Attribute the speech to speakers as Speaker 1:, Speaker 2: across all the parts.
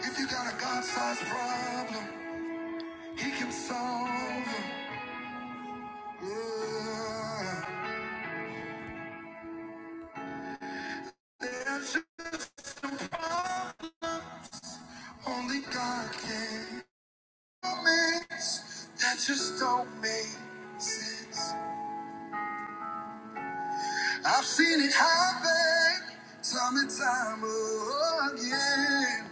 Speaker 1: If you got a God-sized problem, He can solve it. Yeah. There's only God can. Moments that just don't make sense. I've seen it happen time and time again.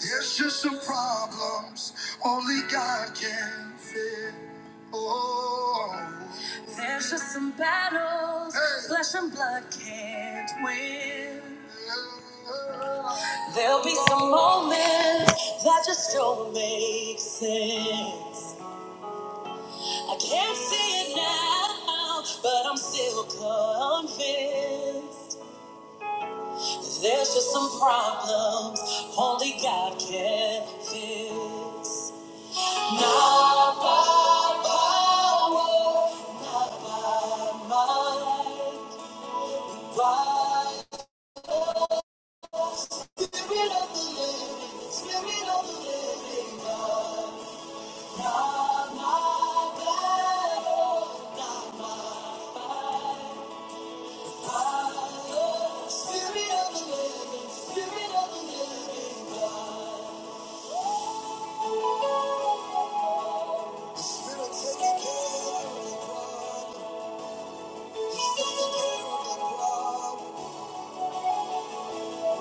Speaker 1: There's just some problems only God can fix. Oh, there's just some battles Hey. flesh and blood can't win. There'll be some moments that just don't make sense. I can't see it now, but I'm still convinced. There's just some problems only God can fix. Spirit take care of the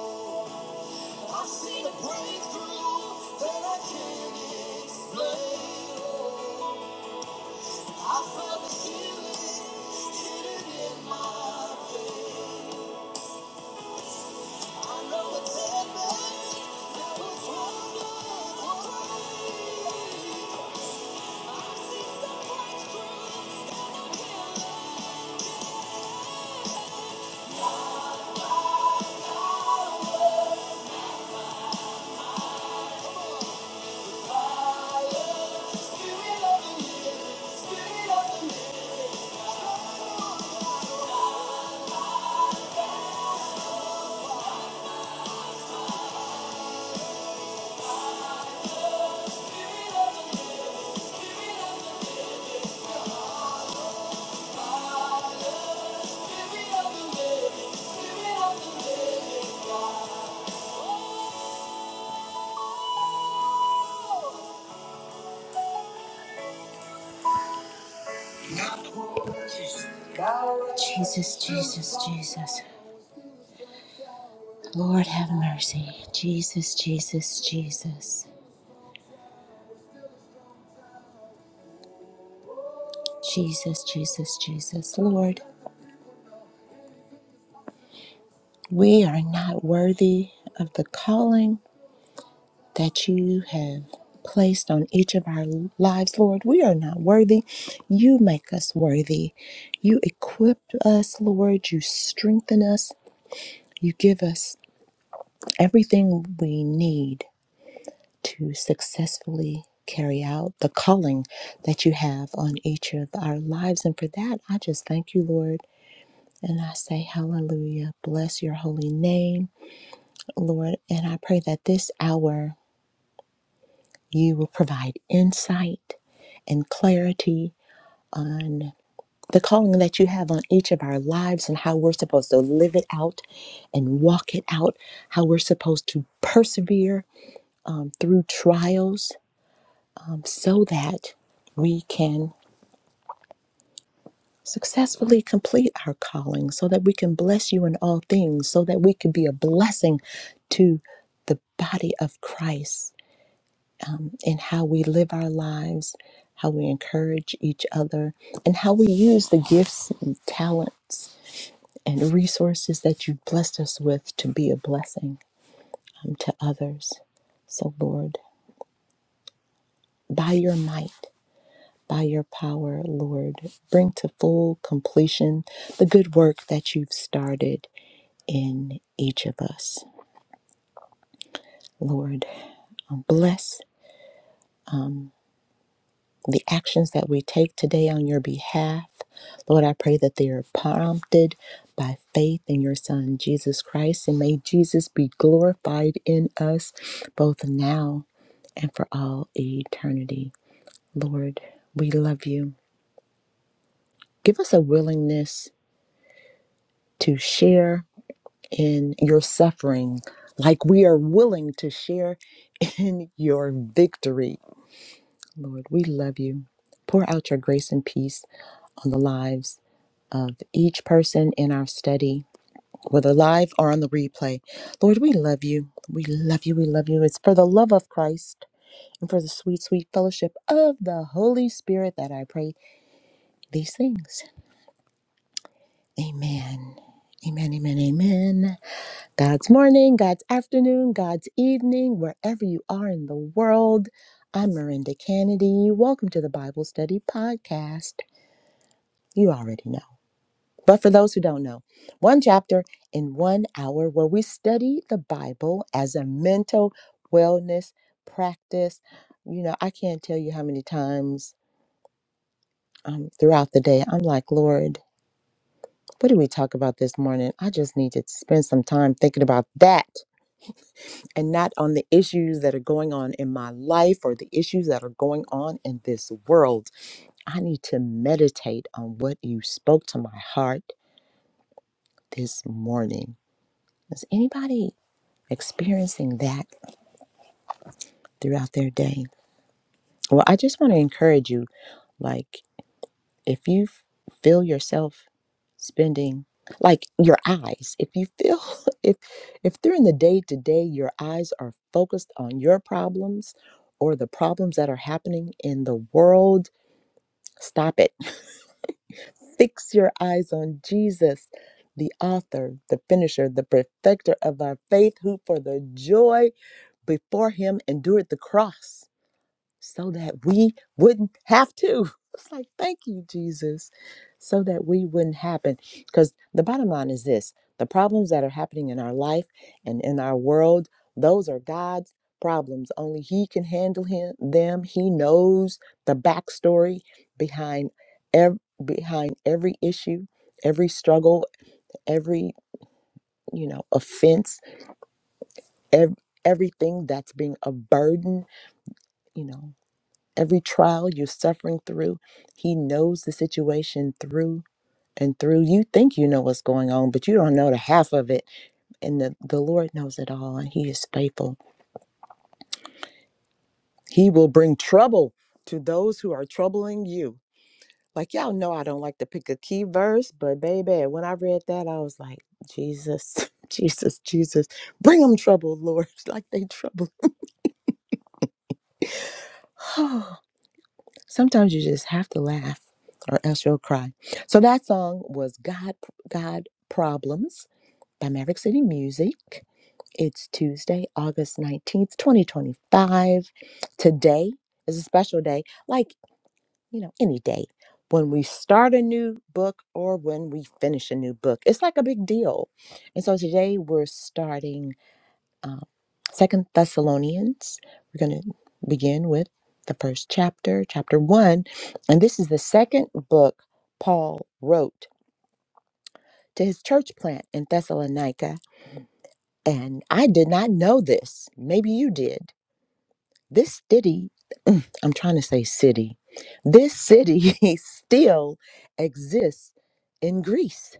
Speaker 1: problem. I have seen a breakthrough that I can't explain. I felt the healing hidden in my veins. I know a dead man that was once alive. I have seen some breakthrough. Spirit of the living, Spirit of the living, Spirit of the living, Spirit of the living, Spirit of the living. Spirit of the living. Jesus, Jesus, Jesus. Lord have mercy. Jesus, Jesus, Jesus. Jesus, Jesus, Jesus. Lord, we are not worthy of the calling that you have placed on each of our lives, Lord. We are not worthy. You make us worthy. You equip us, Lord. You strengthen us. You give us everything we need to successfully carry out the calling that you have on each of our lives. And for that, I just thank you, Lord. And I say, Hallelujah. Bless your holy name, Lord. And I pray that this hour you will provide insight and clarity on the calling that you have on each of our lives and how we're supposed to live it out and walk it out, how we're supposed to persevere um, through trials um, so that we can successfully complete our calling so that we can bless you in all things, so that we can be a blessing to the body of Christ in how we live our lives, how we encourage each other, and how we use the gifts and talents and resources that you blessed us with to be a blessing um, to others. So, Lord, by your might, by your power, Lord, bring to full completion the good work that you've started in each of us. Lord, um, bless the actions that we take today on your behalf. Lord, I pray that they are prompted by faith in your Son, Jesus Christ, and may Jesus be glorified in us both now and for all eternity. Lord, we love you. Give us a willingness to share in your suffering like we are willing to share in your victory Lord, we love you. Pour out your grace and peace on the lives of each person in our study, whether live or on the replay. Lord, we love you. We love you. We love you. It's for the love of Christ and for the sweet, sweet fellowship of the Holy Spirit that I pray these things. Amen. Amen, amen, amen. God's morning, God's afternoon, God's evening, wherever you are in the world. I'm Miranda Kennedy. Welcome to the Bible Study Podcast. You already know. But for those who don't know, one chapter in one hour where we study the Bible as a mental wellness practice. You know, I can't tell you how many times um, throughout the day I'm like, Lord, what did we talk about this morning? I just need to spend some time thinking about that and not on the issues that are going on in my life or the issues that are going on in this world. I need to meditate on what you spoke to my heart this morning. Is anybody experiencing that throughout their day? Well, I just want to encourage you like, if you f- feel yourself spending like your eyes if you feel if if during the day to day your eyes are focused on your problems or the problems that are happening in the world stop it fix your eyes on jesus the author the finisher the perfecter of our faith who for the joy before him endured the cross so that we wouldn't have to. It's like, thank you, Jesus, so that we wouldn't happen. Because the bottom line is this the problems that are happening in our life and in our world, those are God's problems. Only He can handle him, them. He knows the backstory behind, ev- behind every issue, every struggle, every, you know, offense, ev- everything that's being a burden, you know. Every trial you're suffering through, He knows the situation through and through. You think you know what's going on, but you don't know the half of it. And the, the Lord knows it all, and He is faithful. He will bring trouble to those who are troubling you. Like, y'all know I don't like to pick a key verse, but baby, when I read that, I was like, Jesus, Jesus, Jesus, bring them trouble, Lord, like they trouble. sometimes you just have to laugh or else you'll cry so that song was god god problems by maverick city music it's tuesday august 19th 2025 today is a special day like you know any day when we start a new book or when we finish a new book it's like a big deal and so today we're starting um, Second Thessalonians, we're going to begin with the first chapter, chapter one, and this is the second book Paul wrote to his church plant in Thessalonica. And I did not know this. Maybe you did. This city, I'm trying to say city, this city still exists in Greece.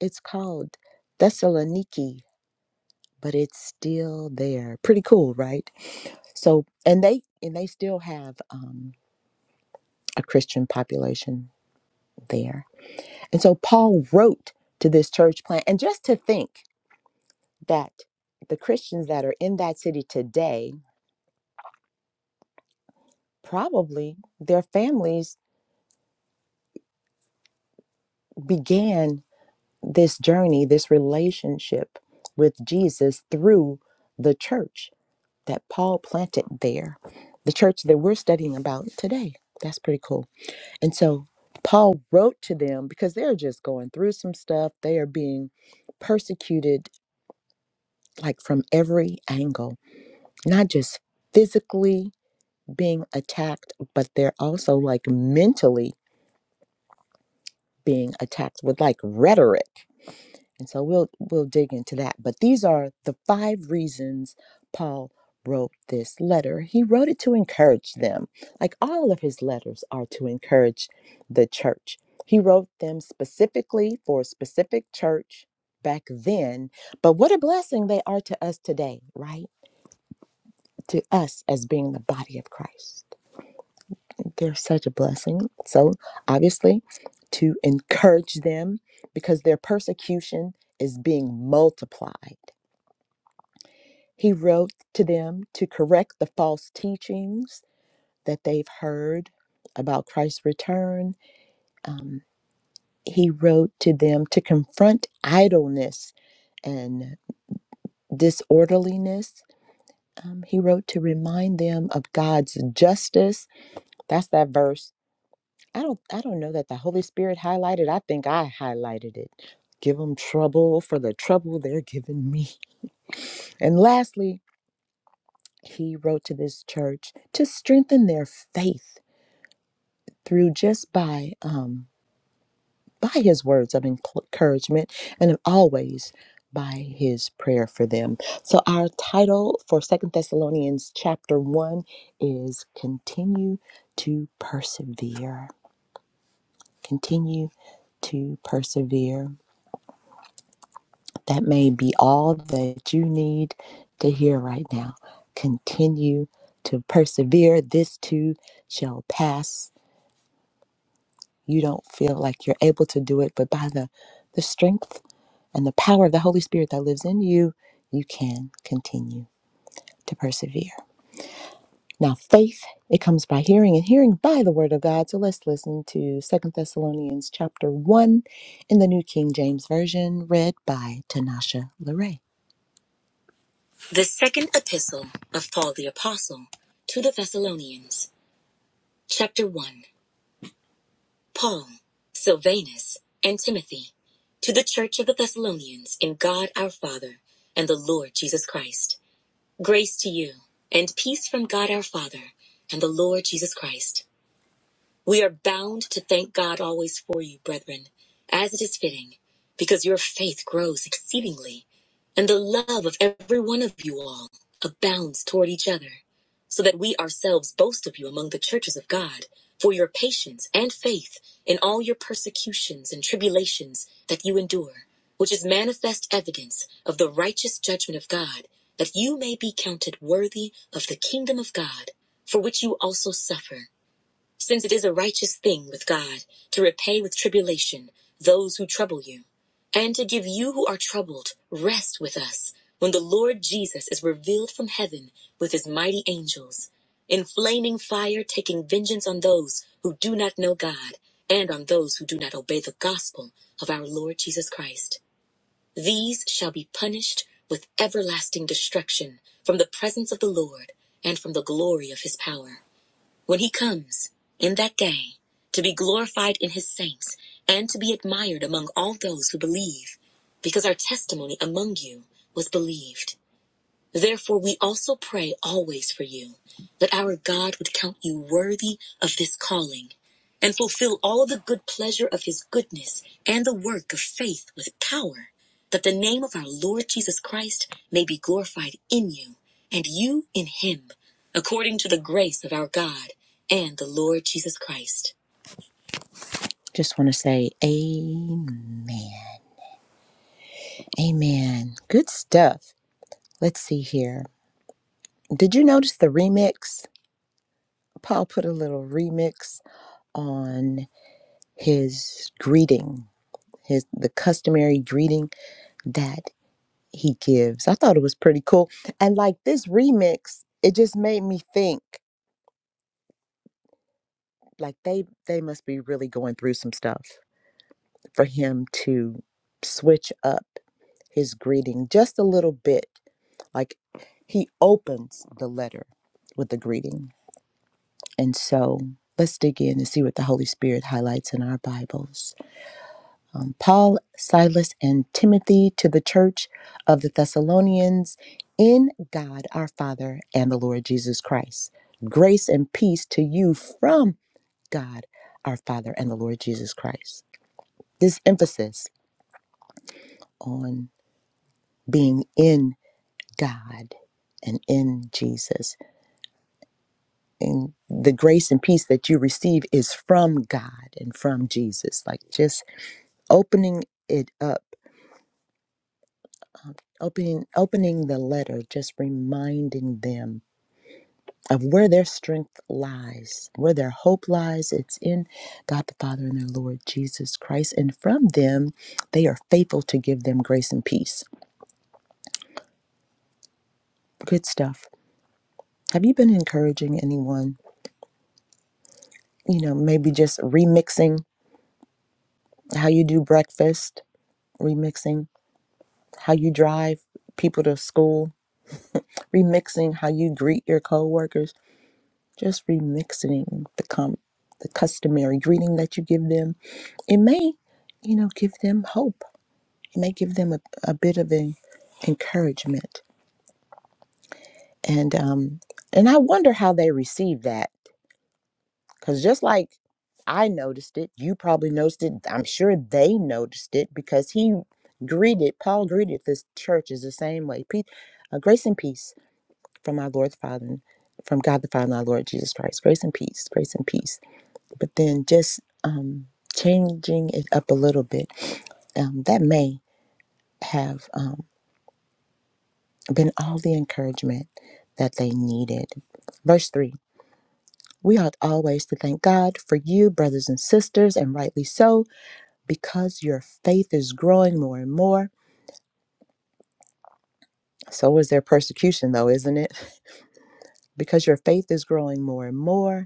Speaker 1: It's called Thessaloniki but it's still there. Pretty cool, right? So, and they and they still have um, a Christian population there. And so Paul wrote to this church plant, and just to think that the Christians that are in that city today, probably their families began this journey, this relationship with Jesus through the church that Paul planted there, the church that we're studying about today. That's pretty cool. And so Paul wrote to them because they're just going through some stuff. They are being persecuted like from every angle, not just physically being attacked, but they're also like mentally being attacked with like rhetoric. And so we'll we'll dig into that. But these are the five reasons Paul wrote this letter. He wrote it to encourage them. Like all of his letters are to encourage the church. He wrote them specifically for a specific church back then, but what a blessing they are to us today, right? To us as being the body of Christ. They're such a blessing. So, obviously, to encourage them because their persecution is being multiplied He wrote to them to correct the false teachings that they've heard about Christ's return. Um, he wrote to them to confront idleness and disorderliness. Um, he wrote to remind them of God's justice. That's that verse. I don't. I don't know that the Holy Spirit highlighted. I think I highlighted it. Give them trouble for the trouble they're giving me. And lastly, he wrote to this church to strengthen their faith through just by um, by his words of encouragement and always by his prayer for them so our title for second thessalonians chapter 1 is continue to persevere continue to persevere that may be all that you need to hear right now continue to persevere this too shall pass you don't feel like you're able to do it but by the the strength and the power of the Holy Spirit that lives in you, you can continue to persevere. Now, faith, it comes by hearing and hearing by the word of God. So let's listen to Second Thessalonians chapter 1 in the New King James Version, read by Tanasha Leray. The second epistle of Paul the Apostle to the Thessalonians, chapter 1. Paul, Silvanus, and Timothy, to the church of the Thessalonians in God our Father and the Lord Jesus Christ. Grace to you, and peace from God our Father and the Lord Jesus Christ. We are bound to thank God always for you, brethren, as it is fitting, because your faith grows exceedingly, and the love of every one of you all abounds toward each other, so that we ourselves boast of you among the churches of God for your patience and faith in all your persecutions and tribulations that you endure, which is manifest evidence of the righteous judgment of God, that you may be counted worthy of the kingdom of God, for which you also suffer since it is a righteous thing with God to repay with tribulation those who trouble you, and to give you who are troubled rest with us when the Lord Jesus is revealed from heaven with his mighty angels, in flaming fire taking vengeance on those who do not know God and on those who do not obey the gospel of our Lord Jesus Christ. These shall be punished with everlasting destruction from the presence of the Lord and from the glory of his power when he comes in that day to be glorified in his saints and to be admired among all those who believe, because our testimony among you was believed. Therefore, we also pray always for you, that our God would count you worthy of this calling and fulfill all the good pleasure of his goodness and the work of faith with power, that the name of our Lord Jesus Christ may be glorified in you and you in him, according to the grace of our God and the Lord Jesus Christ. Just want to say, Amen. Amen. Good stuff. Let's see here. Did you notice the remix? Paul put a little remix on his greeting, his the customary greeting that he gives. I thought it was pretty cool. And like this remix, it just made me think like they they must be really going through some stuff for him to switch up his greeting just a little bit. Like he opens the letter with the greeting. And so let's dig in and see what the Holy Spirit highlights in our Bibles. um, Paul, Silas, and Timothy to the church of the Thessalonians in God our Father and the Lord Jesus Christ. Grace and peace to you from God our Father and the Lord Jesus Christ. This emphasis on being in God and in Jesus. And the grace and peace that you receive is from God and from Jesus. Like just opening it up Opening, opening the letter, just reminding them of where their strength lies, where their hope lies. It's in God the Father and their Lord Jesus Christ. And from them, they are faithful to give them grace and peace. Good stuff. Have you been encouraging anyone? You know, maybe just remixing how you do breakfast, remixing how you drive people to school, remixing how you greet your coworkers just remixing the com- the customary greeting that you give them. It may, you know, give them hope. It may give them a, a bit of an encouragement. And um and I wonder how they receive that cuz just like I noticed it, you probably noticed it. I'm sure they noticed it because he greeted Paul greeted this church is the same way. Peace, uh, grace and peace from our Lord the Father and from God the Father and our Lord Jesus Christ. Grace and peace, grace and peace but then just um, changing it up a little bit um, that may have um, been all the encouragement that they needed. Verse 3 We ought always to thank God for you, brothers and sisters, and rightly so, because your faith is growing more and more. So is their persecution, though, isn't it? Because your faith is growing more and more.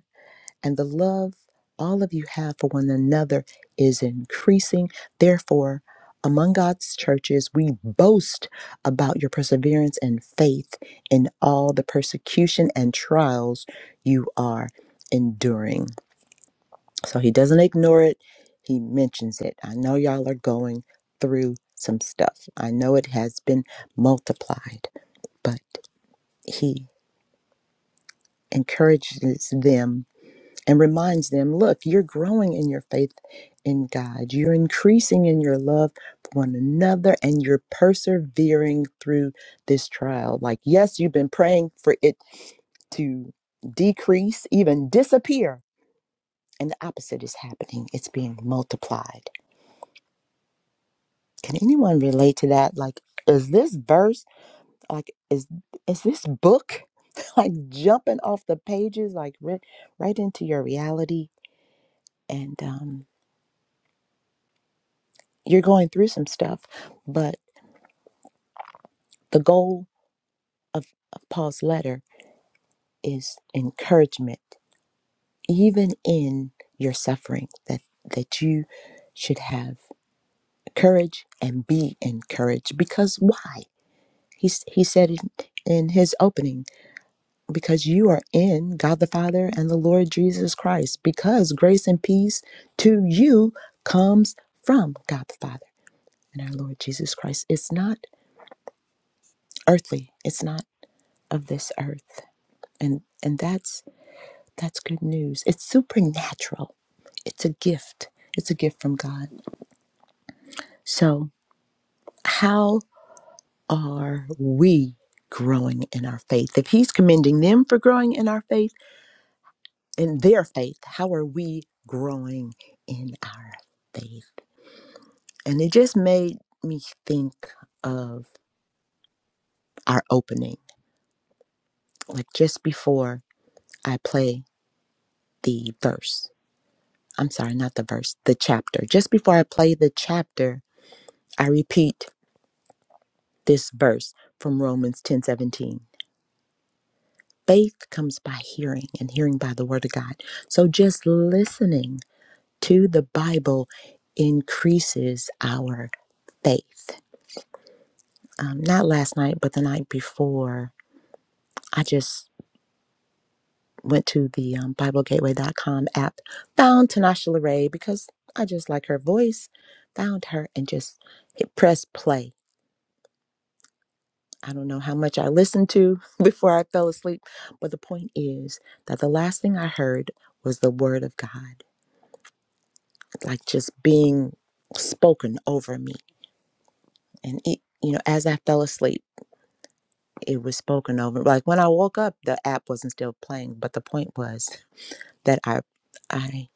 Speaker 1: and the love all of you have for one another is increasing. Therefore, among God's churches, we boast about your perseverance and faith in all the persecution and trials you are enduring. So he doesn't ignore it, he mentions it. I know y'all are going through some stuff, I know it has been multiplied, but he encourages them and reminds them look, you're growing in your faith in God, you're increasing in your love for one another, and you're persevering through this trial. Like, yes, you've been praying for it to decrease, even disappear, and the opposite is happening it's being multiplied. Can anyone relate to that? Like, is this verse like is is this book like jumping off the pages like ri- right into your reality and um you're going through some stuff, but the goal of, of Paul's letter is encouragement, even in your suffering, that, that you should have courage and be encouraged. Because why? He, s- he said in, in his opening, because you are in God the Father and the Lord Jesus Christ, because grace and peace to you comes from God the Father and our Lord Jesus Christ. It's not earthly, it's not of this earth. and and that's that's good news it's supernatural it's a gift it's a gift from god so how are we growing in our faith if he's commending them for growing in our faith in their faith how are we growing in our faith and it just made me think of our opening like just before i play the verse i'm sorry not the verse the chapter just before i play the chapter I repeat this verse from Romans 10:17. Faith comes by hearing and hearing by the word of God. So just listening to the Bible increases our faith. Um, not last night, but the night before, I just went to the um, Bible Gateway dot com app, found Tanasha Leray because I just like her voice, found her and just hit press play I don't know how much I listened to before I fell asleep, but the point is that the last thing I heard was the word of God, like just being spoken over me. And it, you know, as I fell asleep, it was spoken over. Like when I woke up, the app wasn't still playing, but the point was that I, I,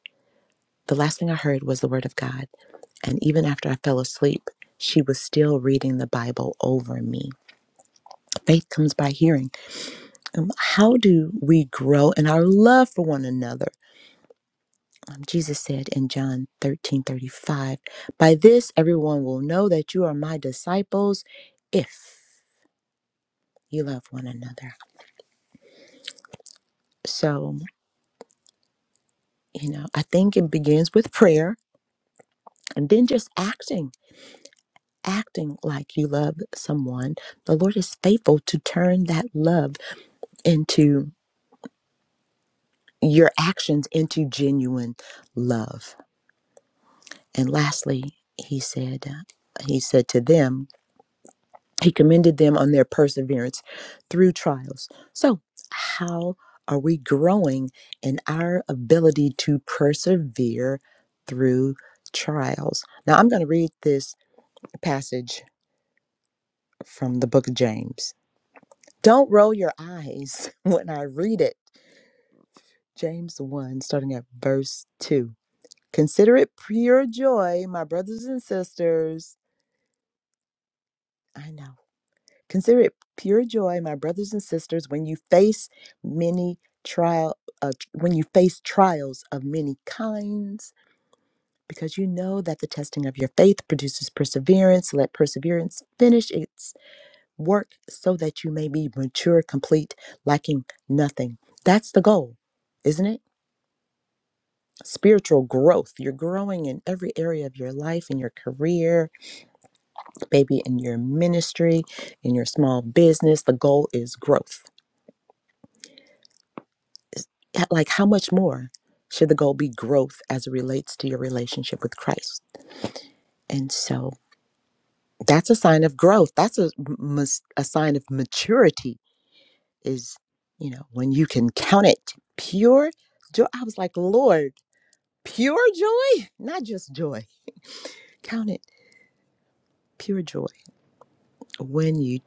Speaker 1: the last thing I heard was the word of God. And even after I fell asleep, she was still reading the Bible over me. Faith comes by hearing. Um, How do we grow in our love for one another? Um, Jesus said in John 13 35, By this everyone will know that you are my disciples if you love one another. So, you know, I think it begins with prayer and then just acting, acting like you love someone. The Lord is faithful to turn that love into your actions into genuine love. And lastly, he said, uh, he said to them, He commended them on their perseverance through trials. So, how are we growing in our ability to persevere through trials? Now, I'm going to read this passage from the book of James. Don't roll your eyes when I read it. James 1, starting at verse 2. Consider it pure joy, my brothers and sisters. I know. Consider it pure joy, my brothers and sisters, when you face many trial uh, tr- when you face trials of many kinds, because you know that the testing of your faith produces perseverance. Let perseverance finish its work so that you may be mature, complete, lacking nothing. That's the goal, isn't it? Spiritual growth. You're growing in every area of your life, in your career, maybe in your ministry, in your small business. The goal is growth h- like how much more should the goal be growth as it relates to your relationship with Christ? And so that's a sign of growth. That's a mus- a sign of maturity is, you know, when you can count it pure joy. I was like, "Lord, pure joy, not just joy. Count it pure joy when you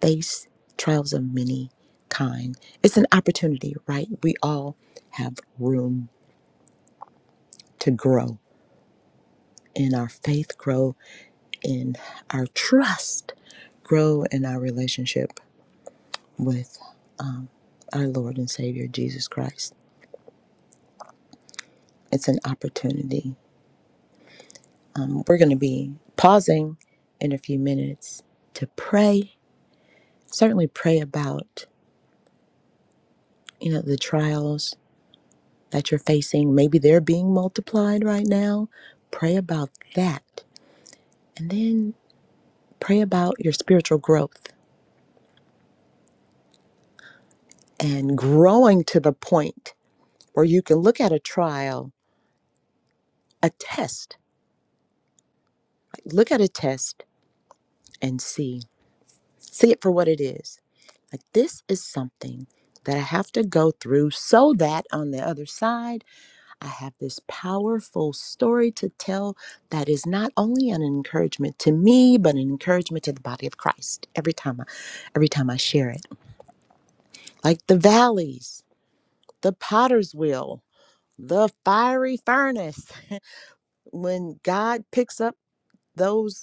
Speaker 1: face trials of many kind. It's an opportunity, right? We all have room to grow in our faith, grow in our trust, grow in our relationship with our Lord and Savior Jesus Christ. It's an opportunity. Um, we're going to be pausing in a few minutes to pray. Certainly, pray about you know the trials that you're facing. Maybe they're being multiplied right now. Pray about that, and then pray about your spiritual growth and growing to the point where you can look at a trial, a test Look at a test and see. See it for what it is. Like, this is something that I have to go through so that on the other side, I have this powerful story to tell that is not only an encouragement to me, but an encouragement to the body of Christ every time I, every time I share it. Like the valleys, the potter's wheel, the fiery furnace. when God picks up those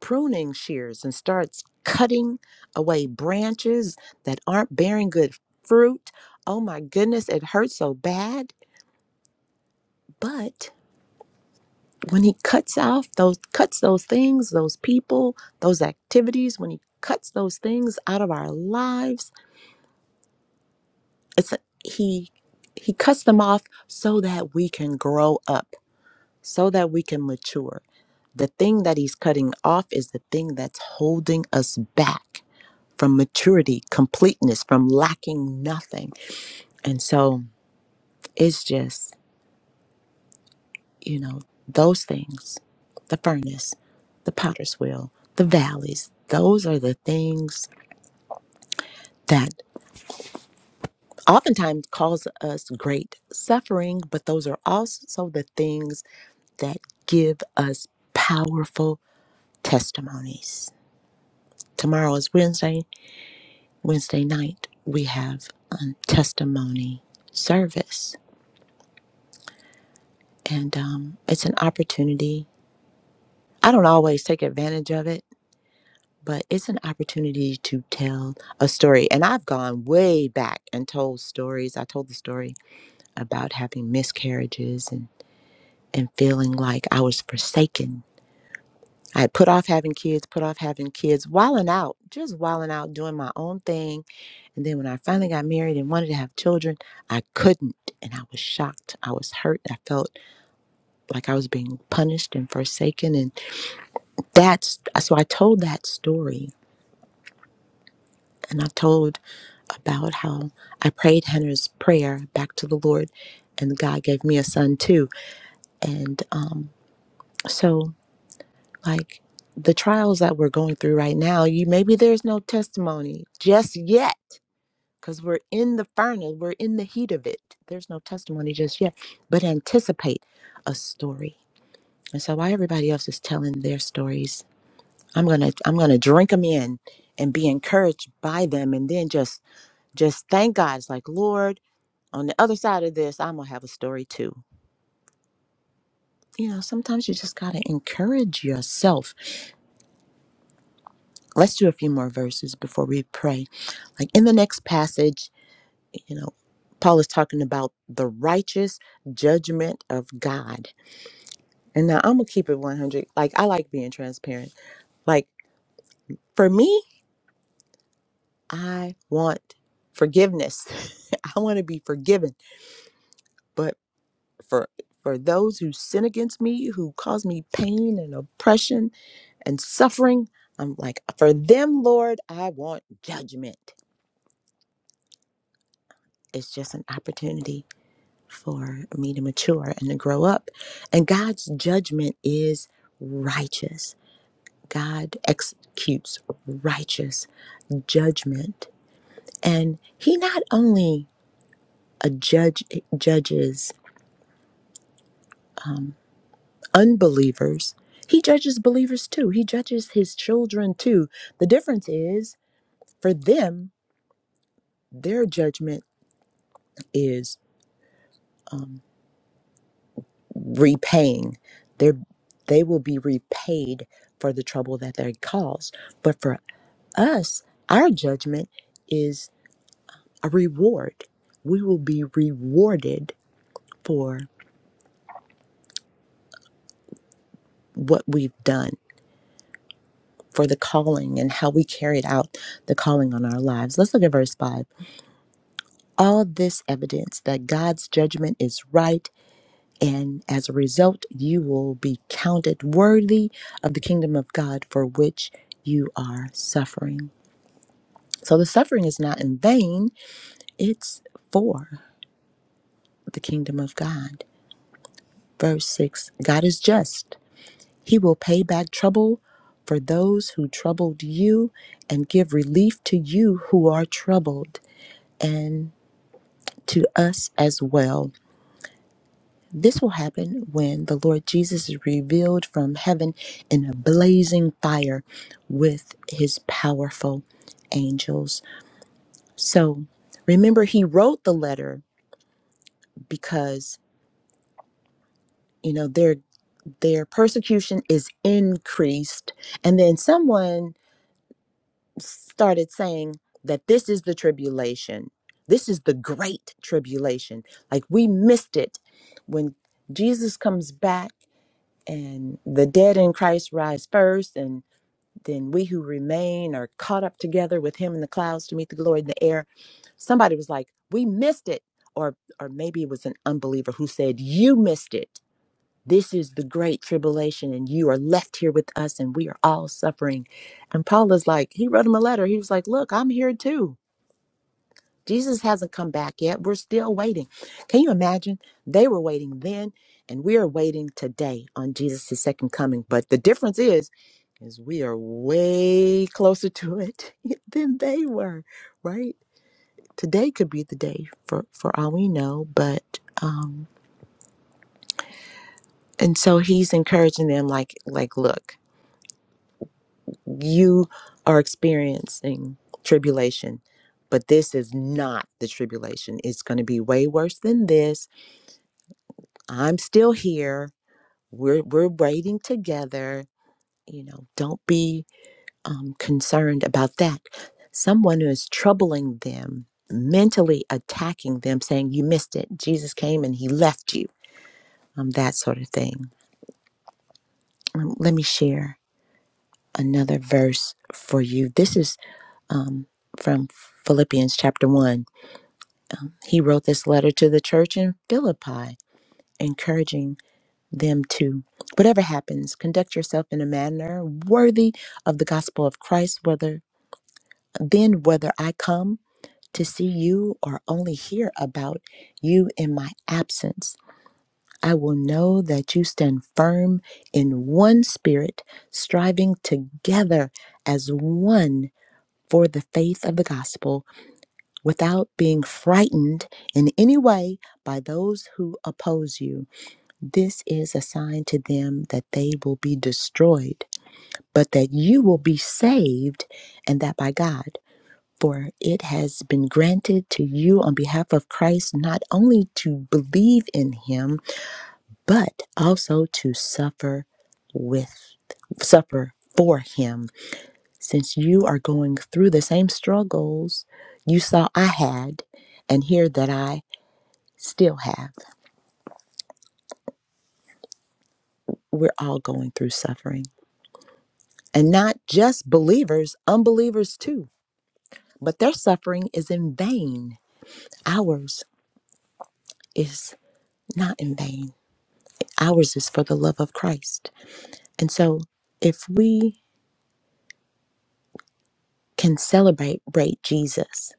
Speaker 1: pruning shears and starts cutting away branches that aren't bearing good fruit. Oh my goodness, it hurts so bad. But when he cuts off those cuts those things, those people, those activities, when he cuts those things out of our lives, it's he he cuts them off so that we can grow up, so that we can mature. The thing that he's cutting off is the thing that's holding us back from maturity, completeness, from lacking nothing. And so it's just, you know, those things the furnace, the potter's wheel, the valleys those are the things that oftentimes cause us great suffering, but those are also the things that give us powerful testimonies. Tomorrow is Wednesday. Wednesday night, we have um, testimony service And um, it's an opportunity. I don't always take advantage of it, but it's an opportunity to tell a story. And I've gone way back and told stories. I told the story about having miscarriages and, and feeling like I was forsaken. I had put off having kids, put off having kids, wilding out, just wilding out, doing my own thing. And then when I finally got married and wanted to have children, I couldn't. And I was shocked. I was hurt. I felt like I was being punished and forsaken. And that's so I told that story and I told about how I prayed Henner's prayer back to the Lord and God gave me a son too. And um so like the trials that we're going through right now, you maybe there's no testimony just yet cuz we're in the furnace, we're in the heat of it. There's no testimony just yet, but anticipate a story. And so while everybody else is telling their stories, I'm gonna I'm gonna drink them in and be encouraged by them, and then just just thank God. It's like Lord, on the other side of this, I'm gonna have a story too. You know, sometimes you just gotta encourage yourself. Let's do a few more verses before we pray. Like in the next passage, you know, Paul is talking about the righteous judgment of God. And now I'm gonna keep it 100. Like I like being transparent. Like for me, I want forgiveness. I want to be forgiven. but for for those who sin against me, who cause me pain and oppression and suffering, I'm like, for them, Lord, I want judgment. It's just an opportunity for me to mature and to grow up. And God's judgment is righteous. God executes righteous judgment. And he not only a judge judges unbelievers. He judges believers too. He judges his children too. The difference is for them, their judgment is repaying. They they will be repaid for the trouble that they caused. But for us, our judgment is a reward. We will be rewarded for what we've done, for the calling and how we carried out the calling on our lives. Let's look at verse 5. all this evidence that God's judgment is right, and as a result, you will be counted worthy of the kingdom of God for which you are suffering. So the suffering is not in vain, it's for the kingdom of God. Verse 6 God is just, He will pay back trouble for those who troubled you and give relief to you who are troubled and to us as well. This will happen when the Lord Jesus is revealed from heaven in a blazing fire with his powerful angels. So remember he wrote the letter because you know their their persecution is increased and then someone started saying that this is the tribulation. This is the great tribulation. Like we missed it when Jesus comes back and the dead in Christ rise first, and then we who remain are caught up together with him in the clouds to meet the glory in the air. Somebody was like, We missed it. Or or maybe it was an unbeliever who said, You missed it. This is the great tribulation, and you are left here with us, and we are all suffering. And Paul is like, he wrote him a letter. He was like, Look, I'm here too Jesus hasn't come back yet. We're still waiting. Can you imagine? They were waiting then, and we are waiting today on Jesus' second coming. But the difference is, is we are way closer to it than they were, right? Today could be the day for for all we know, but um and so he's encouraging them like like look, you are experiencing tribulation, but this is not the tribulation. It's going to be way worse than this I'm still here. We're we're waiting together. You know, don't be um, concerned about that. Someone who is troubling them, mentally attacking them, saying you missed it. Jesus came and he left you. Um, that sort of thing. Um, let me share another verse for you. This is um, from Philippians chapter one. He wrote this letter to the church in Philippi, encouraging. them too. Whatever happens, conduct yourself in a manner worthy of the gospel of Christ, whether then whether I come to see you or only hear about you in my absence. I will know that you stand firm in one spirit, striving together as one for the faith of the gospel, without being frightened in any way by those who oppose you. This is a sign to them that they will be destroyed, but that you will be saved, and that by God. For it has been granted to you on behalf of Christ not only to believe in him, but also to suffer with, suffer for him. Since you are going through the same struggles you saw I had, and hear that I still have, we're all going through suffering. And not just believers, unbelievers too. But their suffering is in vain. Ours is not in vain. Ours is for the love of Christ. And so if we can celebrate great Jesus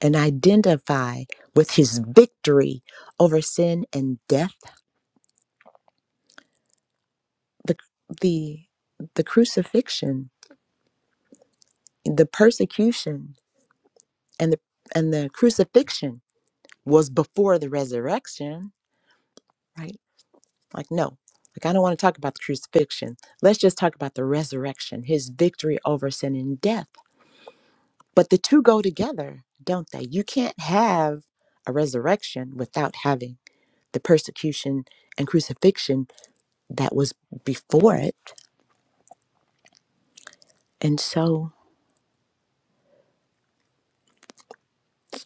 Speaker 1: and identify with his victory over sin and death, the the the crucifixion, the persecution and the and the crucifixion was before the resurrection, right? Like, no, like, I don't want to talk about the crucifixion. Let's just talk about the resurrection, his victory over sin and death. But the two go together, don't they? You can't have a resurrection without having the persecution and crucifixion that was before it. And so,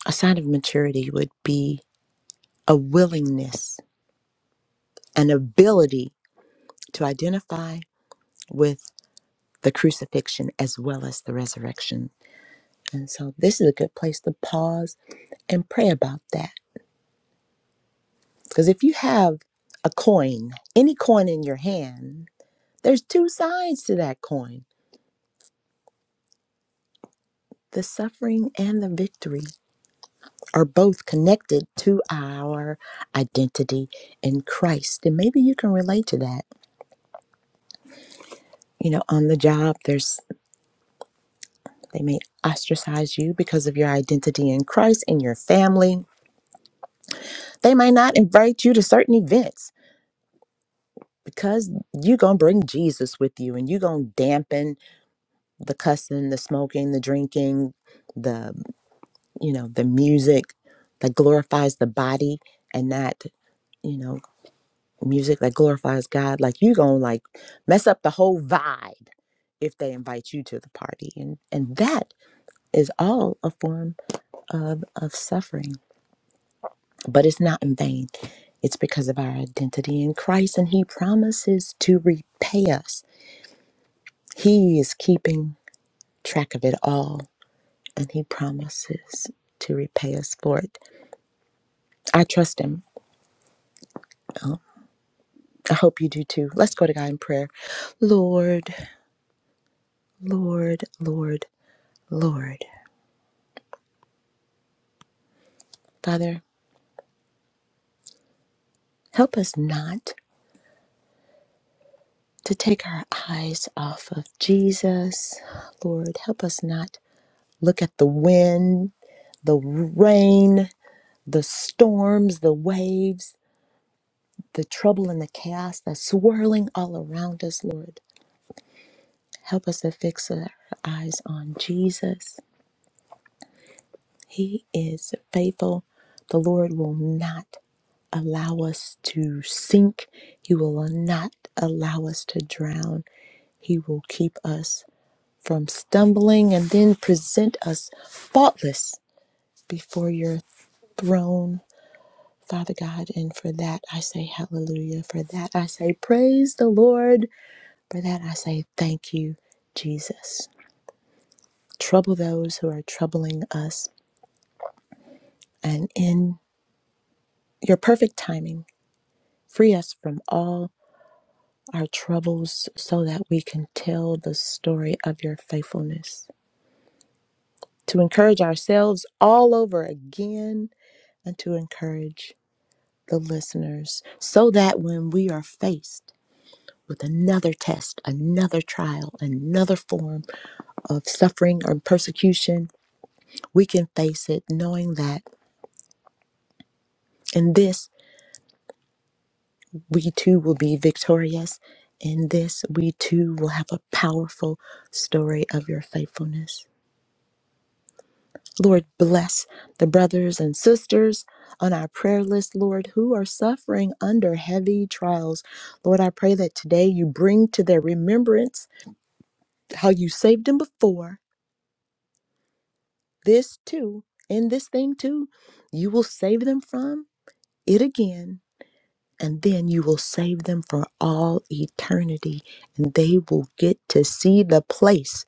Speaker 1: a sign of maturity would be a willingness, an ability to identify with the crucifixion as well as the resurrection And so this is a good place to pause and pray about that. Because if you have a coin, any coin in your hand, there's two sides to that coin. The suffering and the victory are both connected to our identity in Christ. And maybe you can relate to that. You know, on the job, there's they may ostracize you because of your identity in Christ in your family. They may not invite you to certain events because you're going to bring Jesus with you and you're going to dampen the cussing, the smoking, the drinking, the, you know, the music that glorifies the body and not, you know, music that glorifies God. Like you're going to like mess up the whole vibe if they invite you to the party. And, and that is all a form of, of suffering, but it's not in vain. It's because of our identity in Christ and he promises to repay us. He is keeping track of it all, and He promises to repay us for it. I trust Him. I hope you do too. Let's go to God in prayer. Lord, Lord, Lord, Lord. Father, help us not to take our eyes off of Jesus. Lord, help us not look at the wind, the rain, the storms, the waves, the trouble and the chaos that's swirling all around us, Lord. Help us to fix our eyes on Jesus. He is faithful. The Lord will not allow us to sink, He will not allow us to drown. He will keep us from stumbling and then present us faultless before your throne, Father God. And for that, I say hallelujah. For that, I say praise the Lord. For that, I say thank you, Jesus. Trouble those who are troubling us and in your perfect timing, free us from all our troubles so that we can tell the story of your faithfulness, to encourage ourselves all over again, and to encourage the listeners so that when we are faced with another test, another trial, another form of suffering or persecution, we can face it knowing that in this we too will be victorious. In this, we too will have a powerful story of your faithfulness. Lord, bless the brothers and sisters on our prayer list, Lord, who are suffering under heavy trials. Lord, I pray that today you bring to their remembrance how you saved them before, this too, and this thing too, you will save them from it again. and then you will save them for all eternity, and they will get to see the place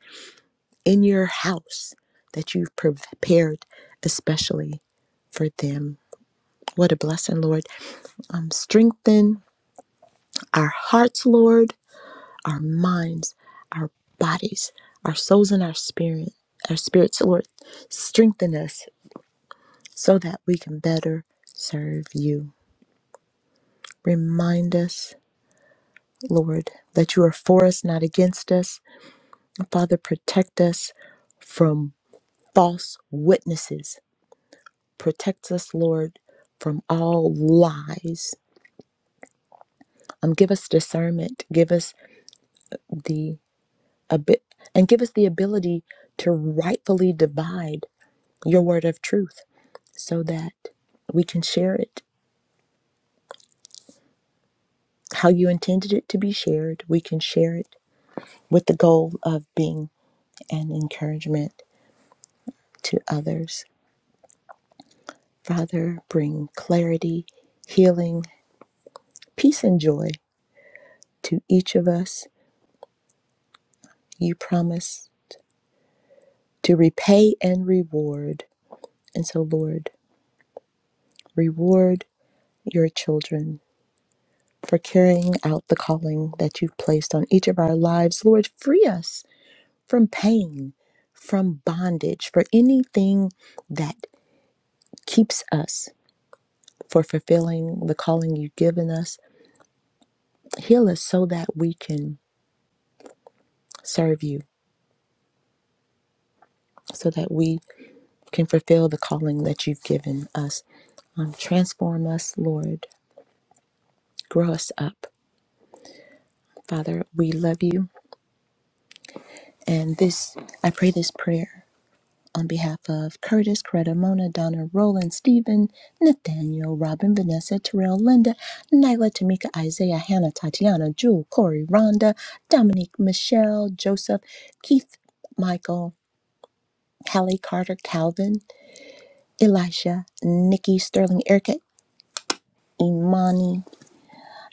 Speaker 1: in your house that you've prepared especially for them. What a blessing, Lord. Um, strengthen our hearts, Lord, our minds, our bodies, our souls, and our spirit, our spirits, Lord. Strengthen us so that we can better serve you. Remind us, Lord, that you are for us, not against us Father, protect us from false witnesses. Protect us, Lord, from all lies. Um, give us discernment. Give us the a bit, and give us the ability to rightfully divide your word of truth, so that we can share it how you intended it to be shared. We can share it with the goal of being an encouragement to others. Father, bring clarity, healing, peace, and joy to each of us. You promise to repay and reward. And so, Lord, reward your children for carrying out the calling that you've placed on each of our lives. Lord, free us from pain, from bondage, for anything that keeps us for fulfilling the calling you've given us. Heal us so that we can serve you, so that we can fulfill the calling that you've given us. Um, transform us, Lord. grow us up. Father, we love you. And this, I pray this prayer on behalf of Curtis, Coretta, Mona, Donna, Roland, Stephen, Nathaniel, Robin, Vanessa, Terrell, Linda, Nyla, Tamika, Isaiah, Hannah, Tatiana, Jewel, Corey, Rhonda, Dominique, Michelle, Joseph, Keith, Michael, Hallie, Carter, Calvin, Elisha, Nikki, Sterling, Erica, Imani,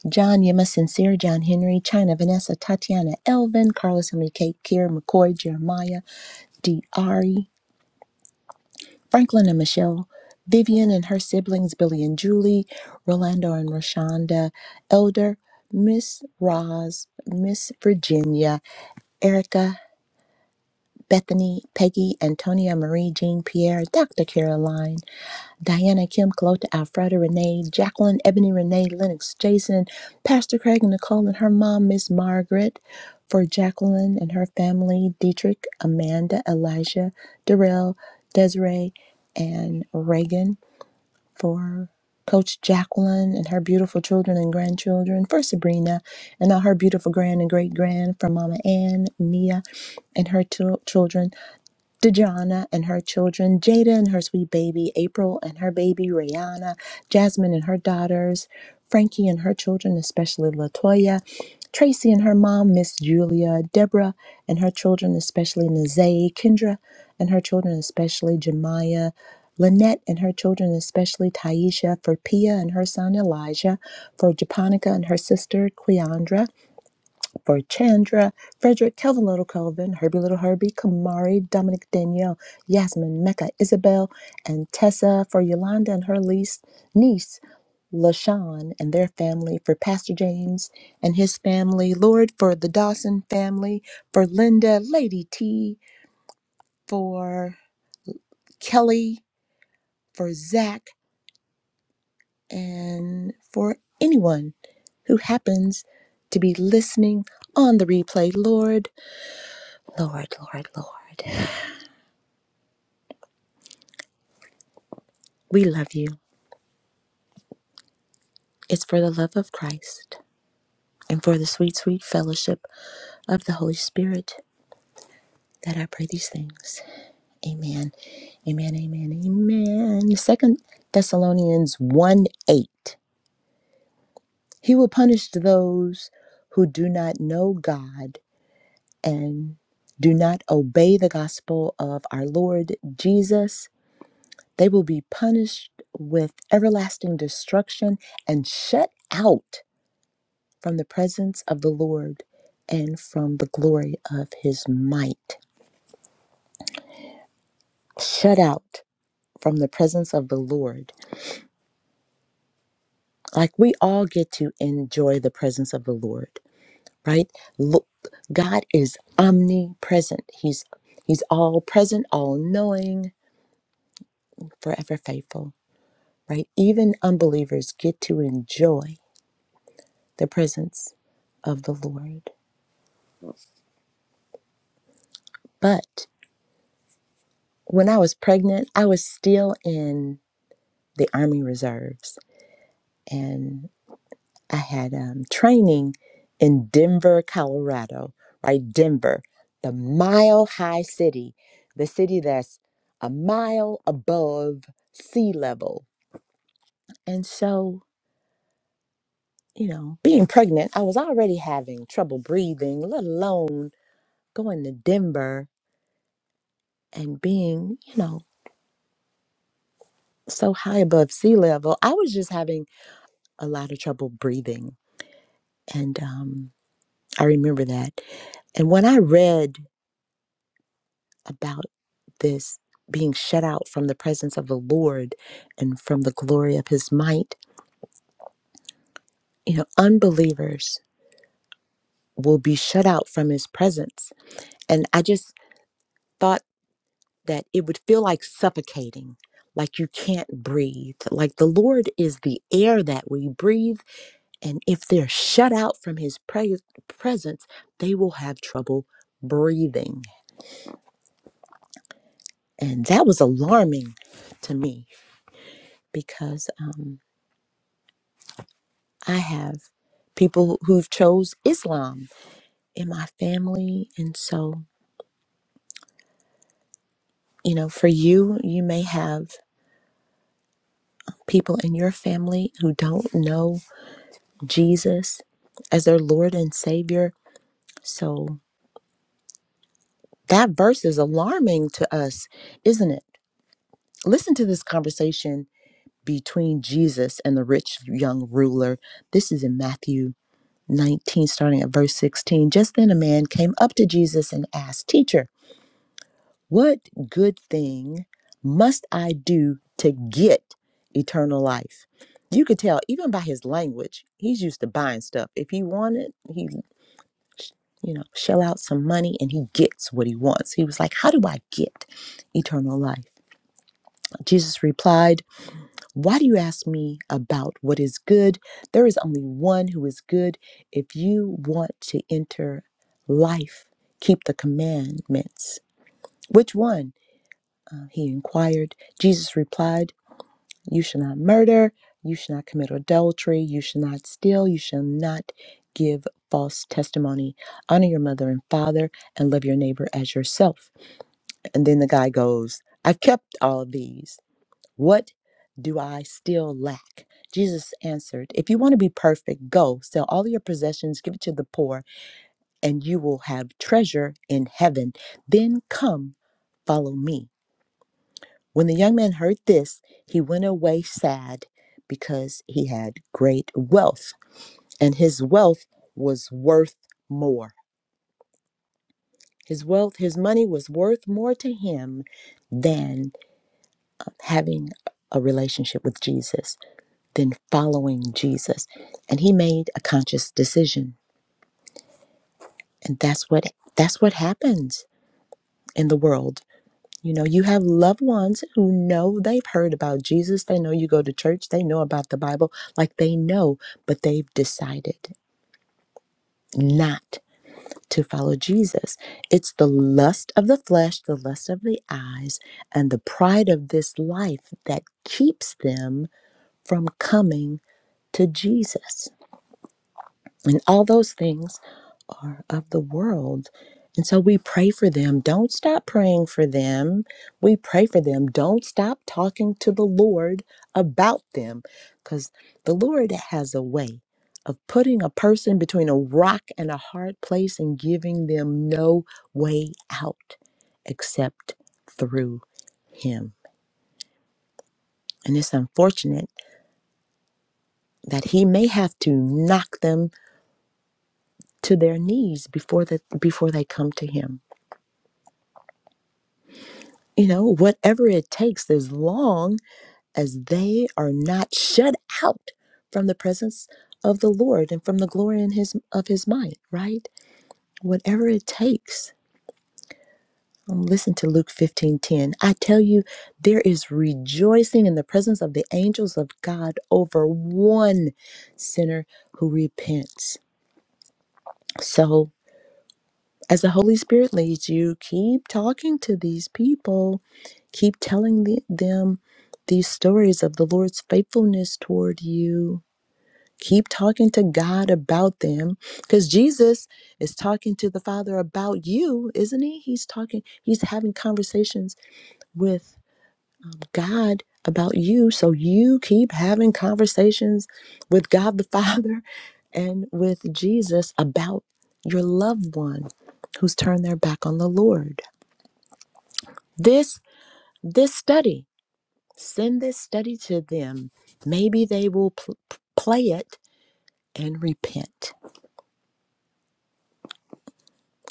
Speaker 1: John Yema Sincere, John Henry, China Vanessa, Tatiana Elvin, Carlos Enrique, Kier McCoy, Jeremiah, Diari, Franklin and Michelle, Vivian and her siblings, Billy and Julie, Rolando and Rashonda, Elder, Miss Roz, Miss Virginia, Erica, Bethany, Peggy, Antonia Marie, Jean Pierre, Dr. Caroline. Diana Kim, Chloe Alfreda Renee, Jacqueline Ebony Renee, Lennox Jason, Pastor Craig and Nicole and her mom, Miss Margaret, for Jacqueline and her family, Dietrich, Amanda, Elijah, Darrell, Desiree, and Reagan, for Coach Jacqueline and her beautiful children and grandchildren, for Sabrina and all her beautiful grand and great grand, for Mama Ann, Mia, and her two children Dejana and her children, Jada and her sweet baby, April and her baby, Rihanna, Jasmine and her daughters, Frankie and her children, especially Latoya, Tracy and her mom, Miss Julia, Deborah and her children, especially Nazay, Kendra and her children, especially Jemiah, Lynette and her children, especially Taisha, for Pia and her son Elijah, for Japonica and her sister Cleandra, for Chandra, Frederick, Kelvin Little Kelvin, Herbie Little Herbie, Kamari, Dominic Danielle, Yasmin, Mecca, Isabel, and Tessa, for Yolanda and her lease, niece, LaShawn, and their family, for Pastor James and his family, Lord, for the Dawson family, for Linda, Lady T, for Kelly, for Zach, and for anyone who happens to be listening on the replay, Lord, Lord, Lord, Lord. We love you. It's for the love of Christ and for the sweet, sweet fellowship of the Holy Spirit that I pray these things. Amen. Amen. Amen. Amen. Second Thessalonians 1 8. He will punish those who do not know God and do not obey the gospel of our Lord Jesus. They will be punished with everlasting destruction and shut out from the presence of the Lord and from the glory of his might. Shut out from the presence of the Lord. Like we all get to enjoy the presence of the Lord, right? Look, God is omnipresent. He's he's all present, all knowing, forever faithful, right? Even unbelievers get to enjoy the presence of the Lord. But when I was pregnant, I was still in the Army Reserves. and I had um, training in Denver, Colorado, right? Denver, the mile high city, the city that's a mile above sea level. And so, you know, being pregnant, I was already having trouble breathing, let alone going to Denver and being, you know, so high above sea level. I was just having a lot of trouble breathing. And um, I remember that. And when I read about this being shut out from the presence of the Lord and from the glory of his might. You know, unbelievers will be shut out from his presence. And I just thought that it would feel like suffocating, like you can't breathe. Like the Lord is the air that we breathe. And if they're shut out from his pre- presence, they will have trouble breathing. And that was alarming to me because. um, I have people who've chose Islam in my family and so you know for you you may have people in your family who don't know Jesus as their Lord and Savior so that verse is alarming to us isn't it listen to this conversation between Jesus and the rich young ruler this is in Matthew 19 starting at verse 16 just then a man came up to Jesus and asked teacher What good thing must I do to get eternal life? You could tell even by his language, he's used to buying stuff. If he wanted, he, you know, shell out some money and he gets what he wants. He was like, How do I get eternal life? Jesus replied, Why do you ask me about what is good? There is only one who is good. If you want to enter life, keep the commandments. Which one? He inquired. Jesus replied, You shall not murder, you shall not commit adultery, you shall not steal, you shall not give false testimony. Honor your mother and father, and love your neighbor as yourself. And then the guy goes, I've kept all of these. What do I still lack? Jesus answered, If you want to be perfect, go sell all your possessions, give it to the poor, and you will have treasure in heaven. Then come, follow me. When the young man heard this, he went away sad because he had great wealth, and his wealth was worth more. His wealth, his money was worth more to him than having a relationship with Jesus, than following Jesus. And he made a conscious decision. And that's what that's what happens in the world You know, you have loved ones who know they've heard about Jesus. They know you go to church. They know about the Bible. Like they know, but they've decided not to follow Jesus. It's the lust of the flesh, the lust of the eyes, and the pride of this life that keeps them from coming to Jesus. And all those things are of the world. And so we pray for them. Don't stop praying for them. We pray for them. Don't stop talking to the Lord about them because the Lord has a way of putting a person between a rock and a hard place and giving them no way out except through Him. And it's unfortunate that He may have to knock them to their knees before, that before they come to Him. you know, whatever it takes, as long as they are not shut out from the presence of the Lord and from the glory in his of his might, right? Whatever it takes. Um, listen to Luke 15 10. I tell you, there is rejoicing in the presence of the angels of God over one sinner who repents. So As the Holy Spirit leads you, keep talking to these people. Keep telling the- them these stories of the Lord's faithfulness toward you. Keep talking to God about them because Jesus is talking to the Father about you, isn't he? He's talking, he's having conversations with God about you. So you keep having conversations with God the Father and with Jesus about your loved one who's turned their back on the Lord. This this study, send this study to them. Maybe they will pl- play it and repent.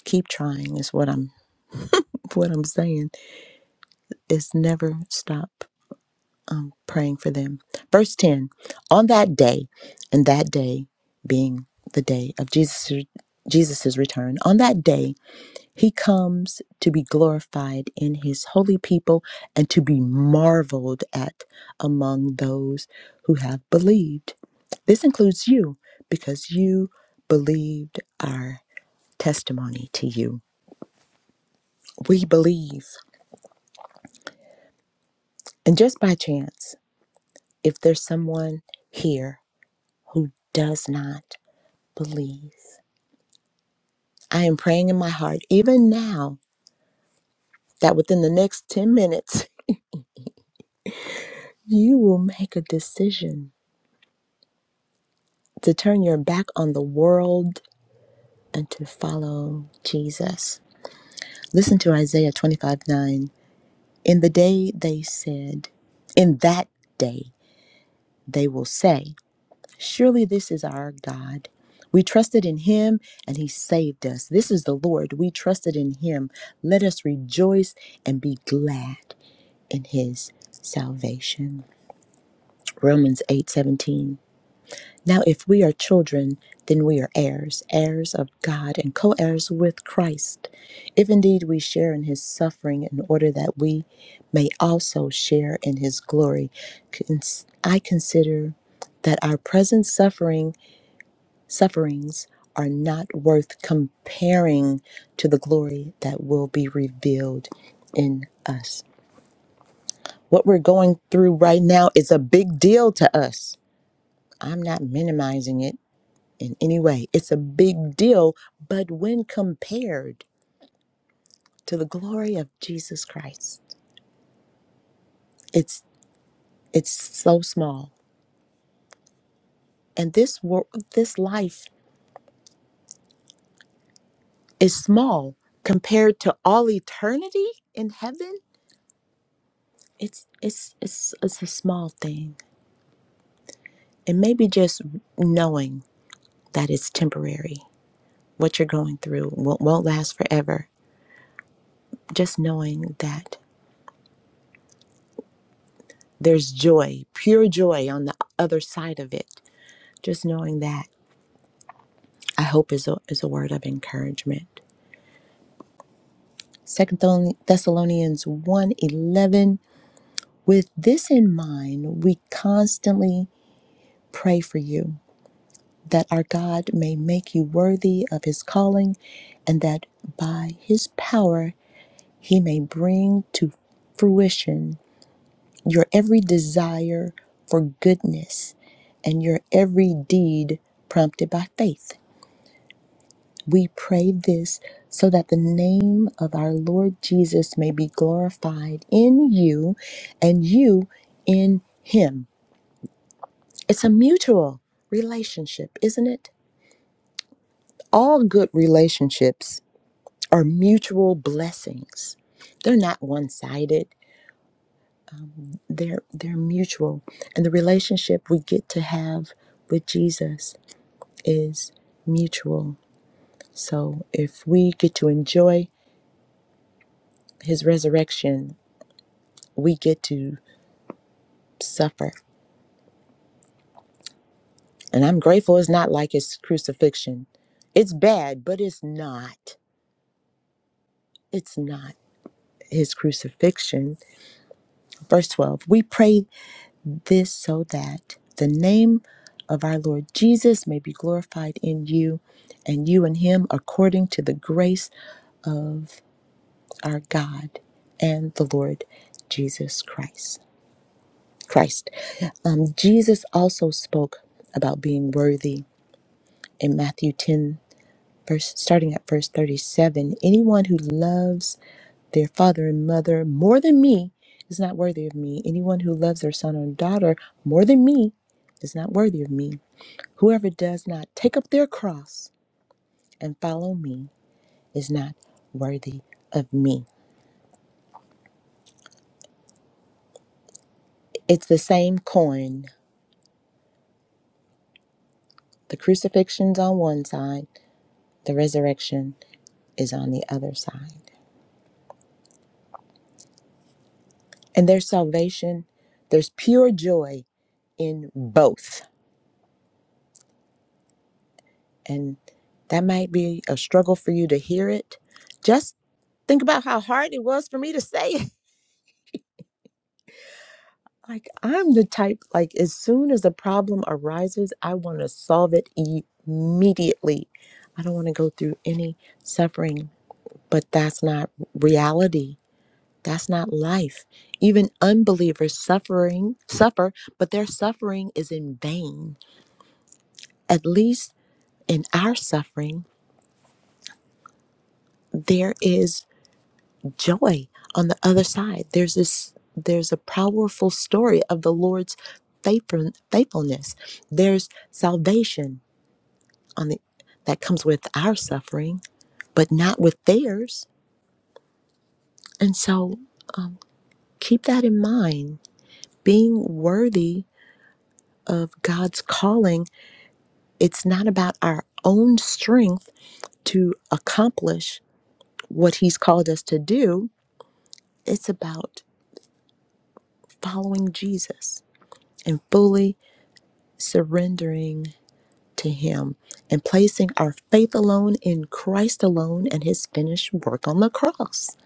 Speaker 1: Keep trying is what I'm what I'm saying. It's never stop. um, praying for them. Verse 10 On that day, and that day being the day of Jesus' Jesus's return, on that day, he comes to be glorified in his holy people and to be marveled at among those who have believed. This includes you because you believed our testimony to you. We believe. And just by chance, if there's someone here who does not, believe. I am praying in my heart, even now, that within the next 10 minutes, you will make a decision to turn your back on the world and to follow Jesus. Listen to Isaiah 25 9. In the day they said, in that day they will say, Surely this is our God. We trusted in him and he saved us. This is the Lord. We trusted in him. Let us rejoice and be glad in his salvation. Romans 8 17. Now, if we are children, then we are heirs, heirs of God, and co heirs with Christ, if indeed we share in his suffering, in order that we may also share in his glory. Cons- I consider that our present suffering sufferings are not worth comparing to the glory that will be revealed in us. What we're going through right now is a big deal to us. I'm not minimizing it in any way. It's a big deal, but when compared to the glory of Jesus Christ, it's it's so small. And this world, this life is small compared to all eternity in heaven. It's it's it's it's a small thing And maybe just knowing that it's temporary, what you're going through won't, won't last forever. Just knowing that there's joy, pure joy on the other side of it. Just knowing that I hope is a, is a word of encouragement. Second Thessalonians one eleven. with this in mind, we constantly pray for you that our God may make you worthy of his calling and that by his power He may bring to fruition your every desire for goodness and your every deed prompted by faith. We pray this so that the name of our Lord Jesus may be glorified in you and you in him. It's a mutual relationship, isn't it? All good relationships are mutual blessings. They're not one sided. they're they're mutual and the relationship we get to have with Jesus is mutual so if we get to enjoy his resurrection we get to suffer and i'm grateful it's not like his crucifixion it's bad but it's not it's not his crucifixion verse 12 we pray this so that the name of our lord jesus may be glorified in you and you in him according to the grace of our God and the Lord Jesus Christ. Christ. Um, Jesus also spoke about being worthy in Matthew 10, verse starting at verse 37. Anyone who loves their father and mother more than me is not worthy of me. Anyone who loves their son or daughter more than me is not worthy of me. Whoever does not take up their cross and follow me is not worthy of me. It's the same coin The crucifixion's on one side, the resurrection is on the other side. And there's salvation, there's pure joy in both. And that might be a struggle for you to hear it. Just think about how hard it was for me to say it. Like, I'm the type, like, as soon as a problem arises, I want to solve it immediately. I don't want to go through any suffering, but that's not reality That's not life. Even unbelievers suffering suffer, but their suffering is in vain. At least in our suffering, there is joy on the other side. There's this there's a powerful story of the Lord's faithful- faithfulness. There's salvation on the that comes with our suffering, but not with theirs. And so keep that in mind. Being worthy of God's calling It's not about our own strength to accomplish what He's called us to do, it's about following Jesus and fully surrendering to Him and placing our faith alone in Christ alone and His finished work on the cross.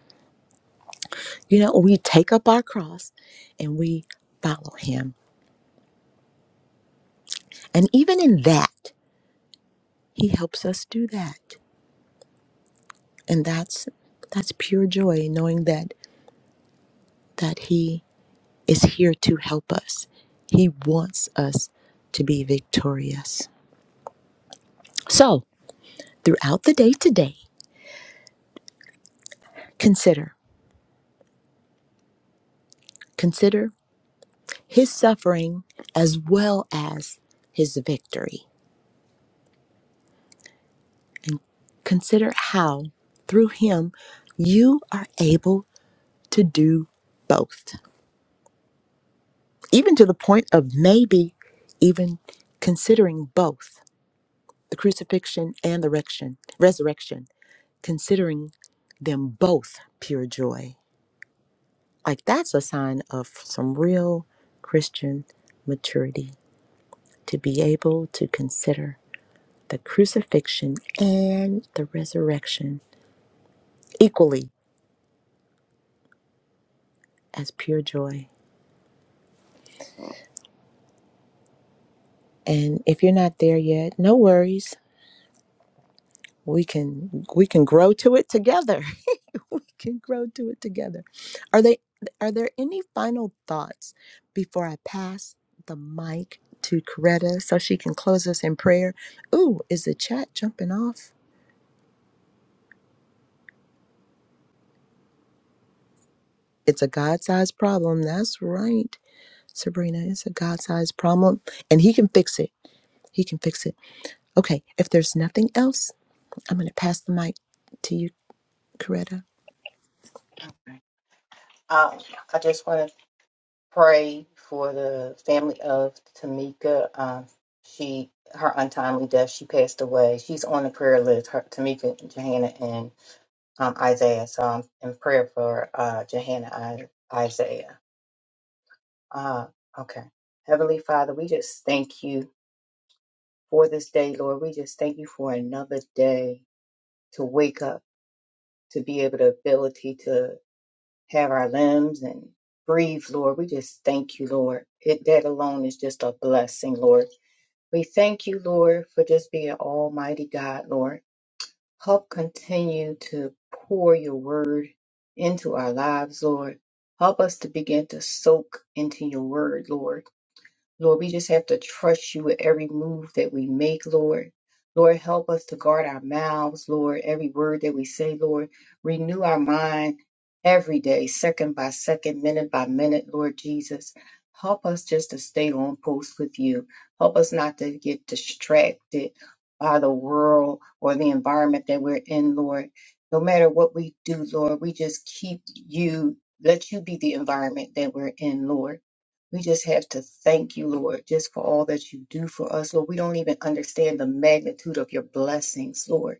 Speaker 1: You know, we take up our cross and we follow Him. And even in that, He helps us do that. And that's that's pure joy knowing that that he is here to help us. He wants us to be victorious. So, throughout the day today, consider consider his suffering as well as his victory. Consider how through him you are able to do both. Even to the point of maybe even considering both the crucifixion and the rection- resurrection, considering them both pure joy Like that's a sign of some real Christian maturity to be able to consider the crucifixion and the resurrection equally as pure joy. And if you're not there yet, no worries. We can we can grow to it together. we can grow to it together. Are they are there any final thoughts before I pass the mic to Coretta so she can close us in prayer? Ooh, is the chat jumping off? It's a God sized problem. That's right, Sabrina. It's a God sized problem, and He can fix it. He can fix it. Okay, if there's nothing else, I'm going to pass the mic to you, Coretta.
Speaker 2: Um, I just want to pray for the family of Tamika. Um, she her untimely death. She passed away. She's on the prayer list. Her, Tamika, Johanna, and um, Isaiah. So I'm in prayer for uh, Johanna, I, Isaiah. Uh, okay. Heavenly Father, we just thank you for this day, Lord. We just thank you for another day to wake up, to be able to ability to. have our limbs and breathe, Lord. We just thank you, Lord. It, that alone is just a blessing, Lord. We thank you, Lord, for just being Almighty God, Lord. Help continue to pour your word into our lives, Lord. Help us to begin to soak into your word, Lord. Lord, we just have to trust you with every move that we make, Lord. Lord, help us to guard our mouths, Lord, every word that we say, Lord. Renew our mind every day, second by second, minute by minute, Lord Jesus. Help us just to stay on post with you. Help us not to get distracted by the world or the environment that we're in, Lord. No matter what we do, Lord, we just keep you, let you be the environment that we're in, Lord. We just have to thank you, Lord, just for all that you do for us, Lord. We don't even understand the magnitude of your blessings, Lord.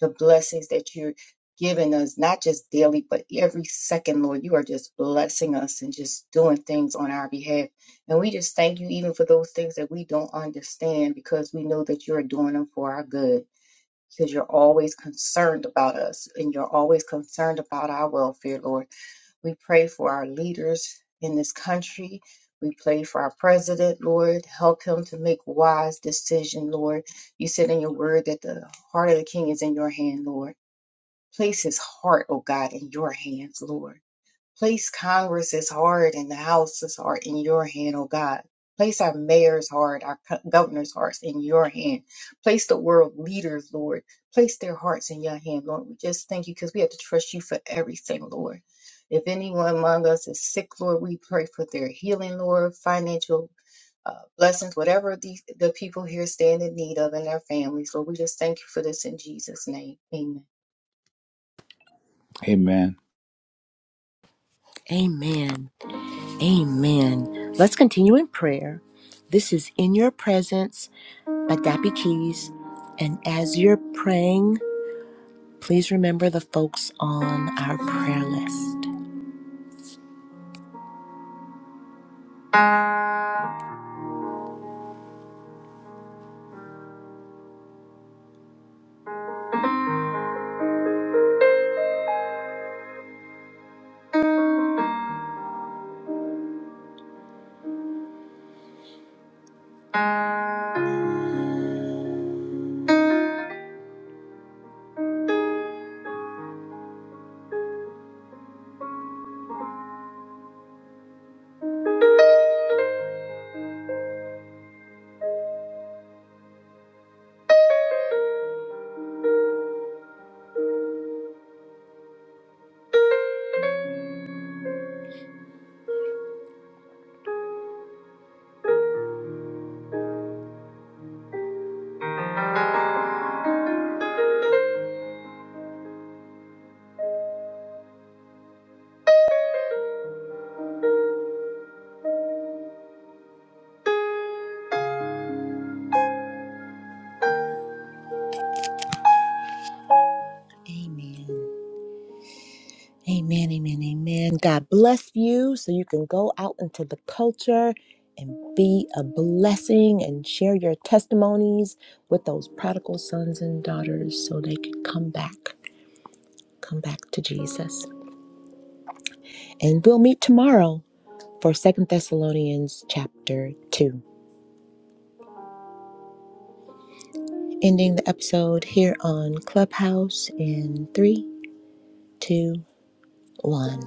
Speaker 2: The blessings that you're giving us, not just daily, but every second, Lord. You are just blessing us and just doing things on our behalf. And we just thank you even for those things that we don't understand because we know that you're doing them for our good. Because you're always concerned about us and you're always concerned about our welfare, Lord. We pray for our leaders in this country. We pray for our president, Lord. Help him to make wise decision, Lord. You said in your word that the heart of the king is in your hand, Lord. Place his heart, oh God, in your hands, Lord. Place Congress's heart and the House's heart in your hand, oh God. Place our mayor's heart, our co- governor's hearts in your hand. Place the world leaders, Lord. Place their hearts in your hand, Lord. We just thank you because we have to trust you for everything, Lord. If anyone among us is sick, Lord, we pray for their healing, Lord, financial uh, blessings, whatever the, the people here stand in need of and their families. Lord, we just thank you for this in Jesus' name. Amen.
Speaker 3: Amen.
Speaker 1: Amen. Amen. Let's continue in prayer. This is In Your Presence by Dappy Keys. And as you're praying, please remember the folks on our prayer list. Amen. Amen, amen, amen. God bless you so you can go out into the culture and be a blessing and share your testimonies with those prodigal sons and daughters so they can come back, come back to Jesus. And we'll meet tomorrow for Second Thessalonians chapter 2. Ending the episode here on Clubhouse in three, two, one.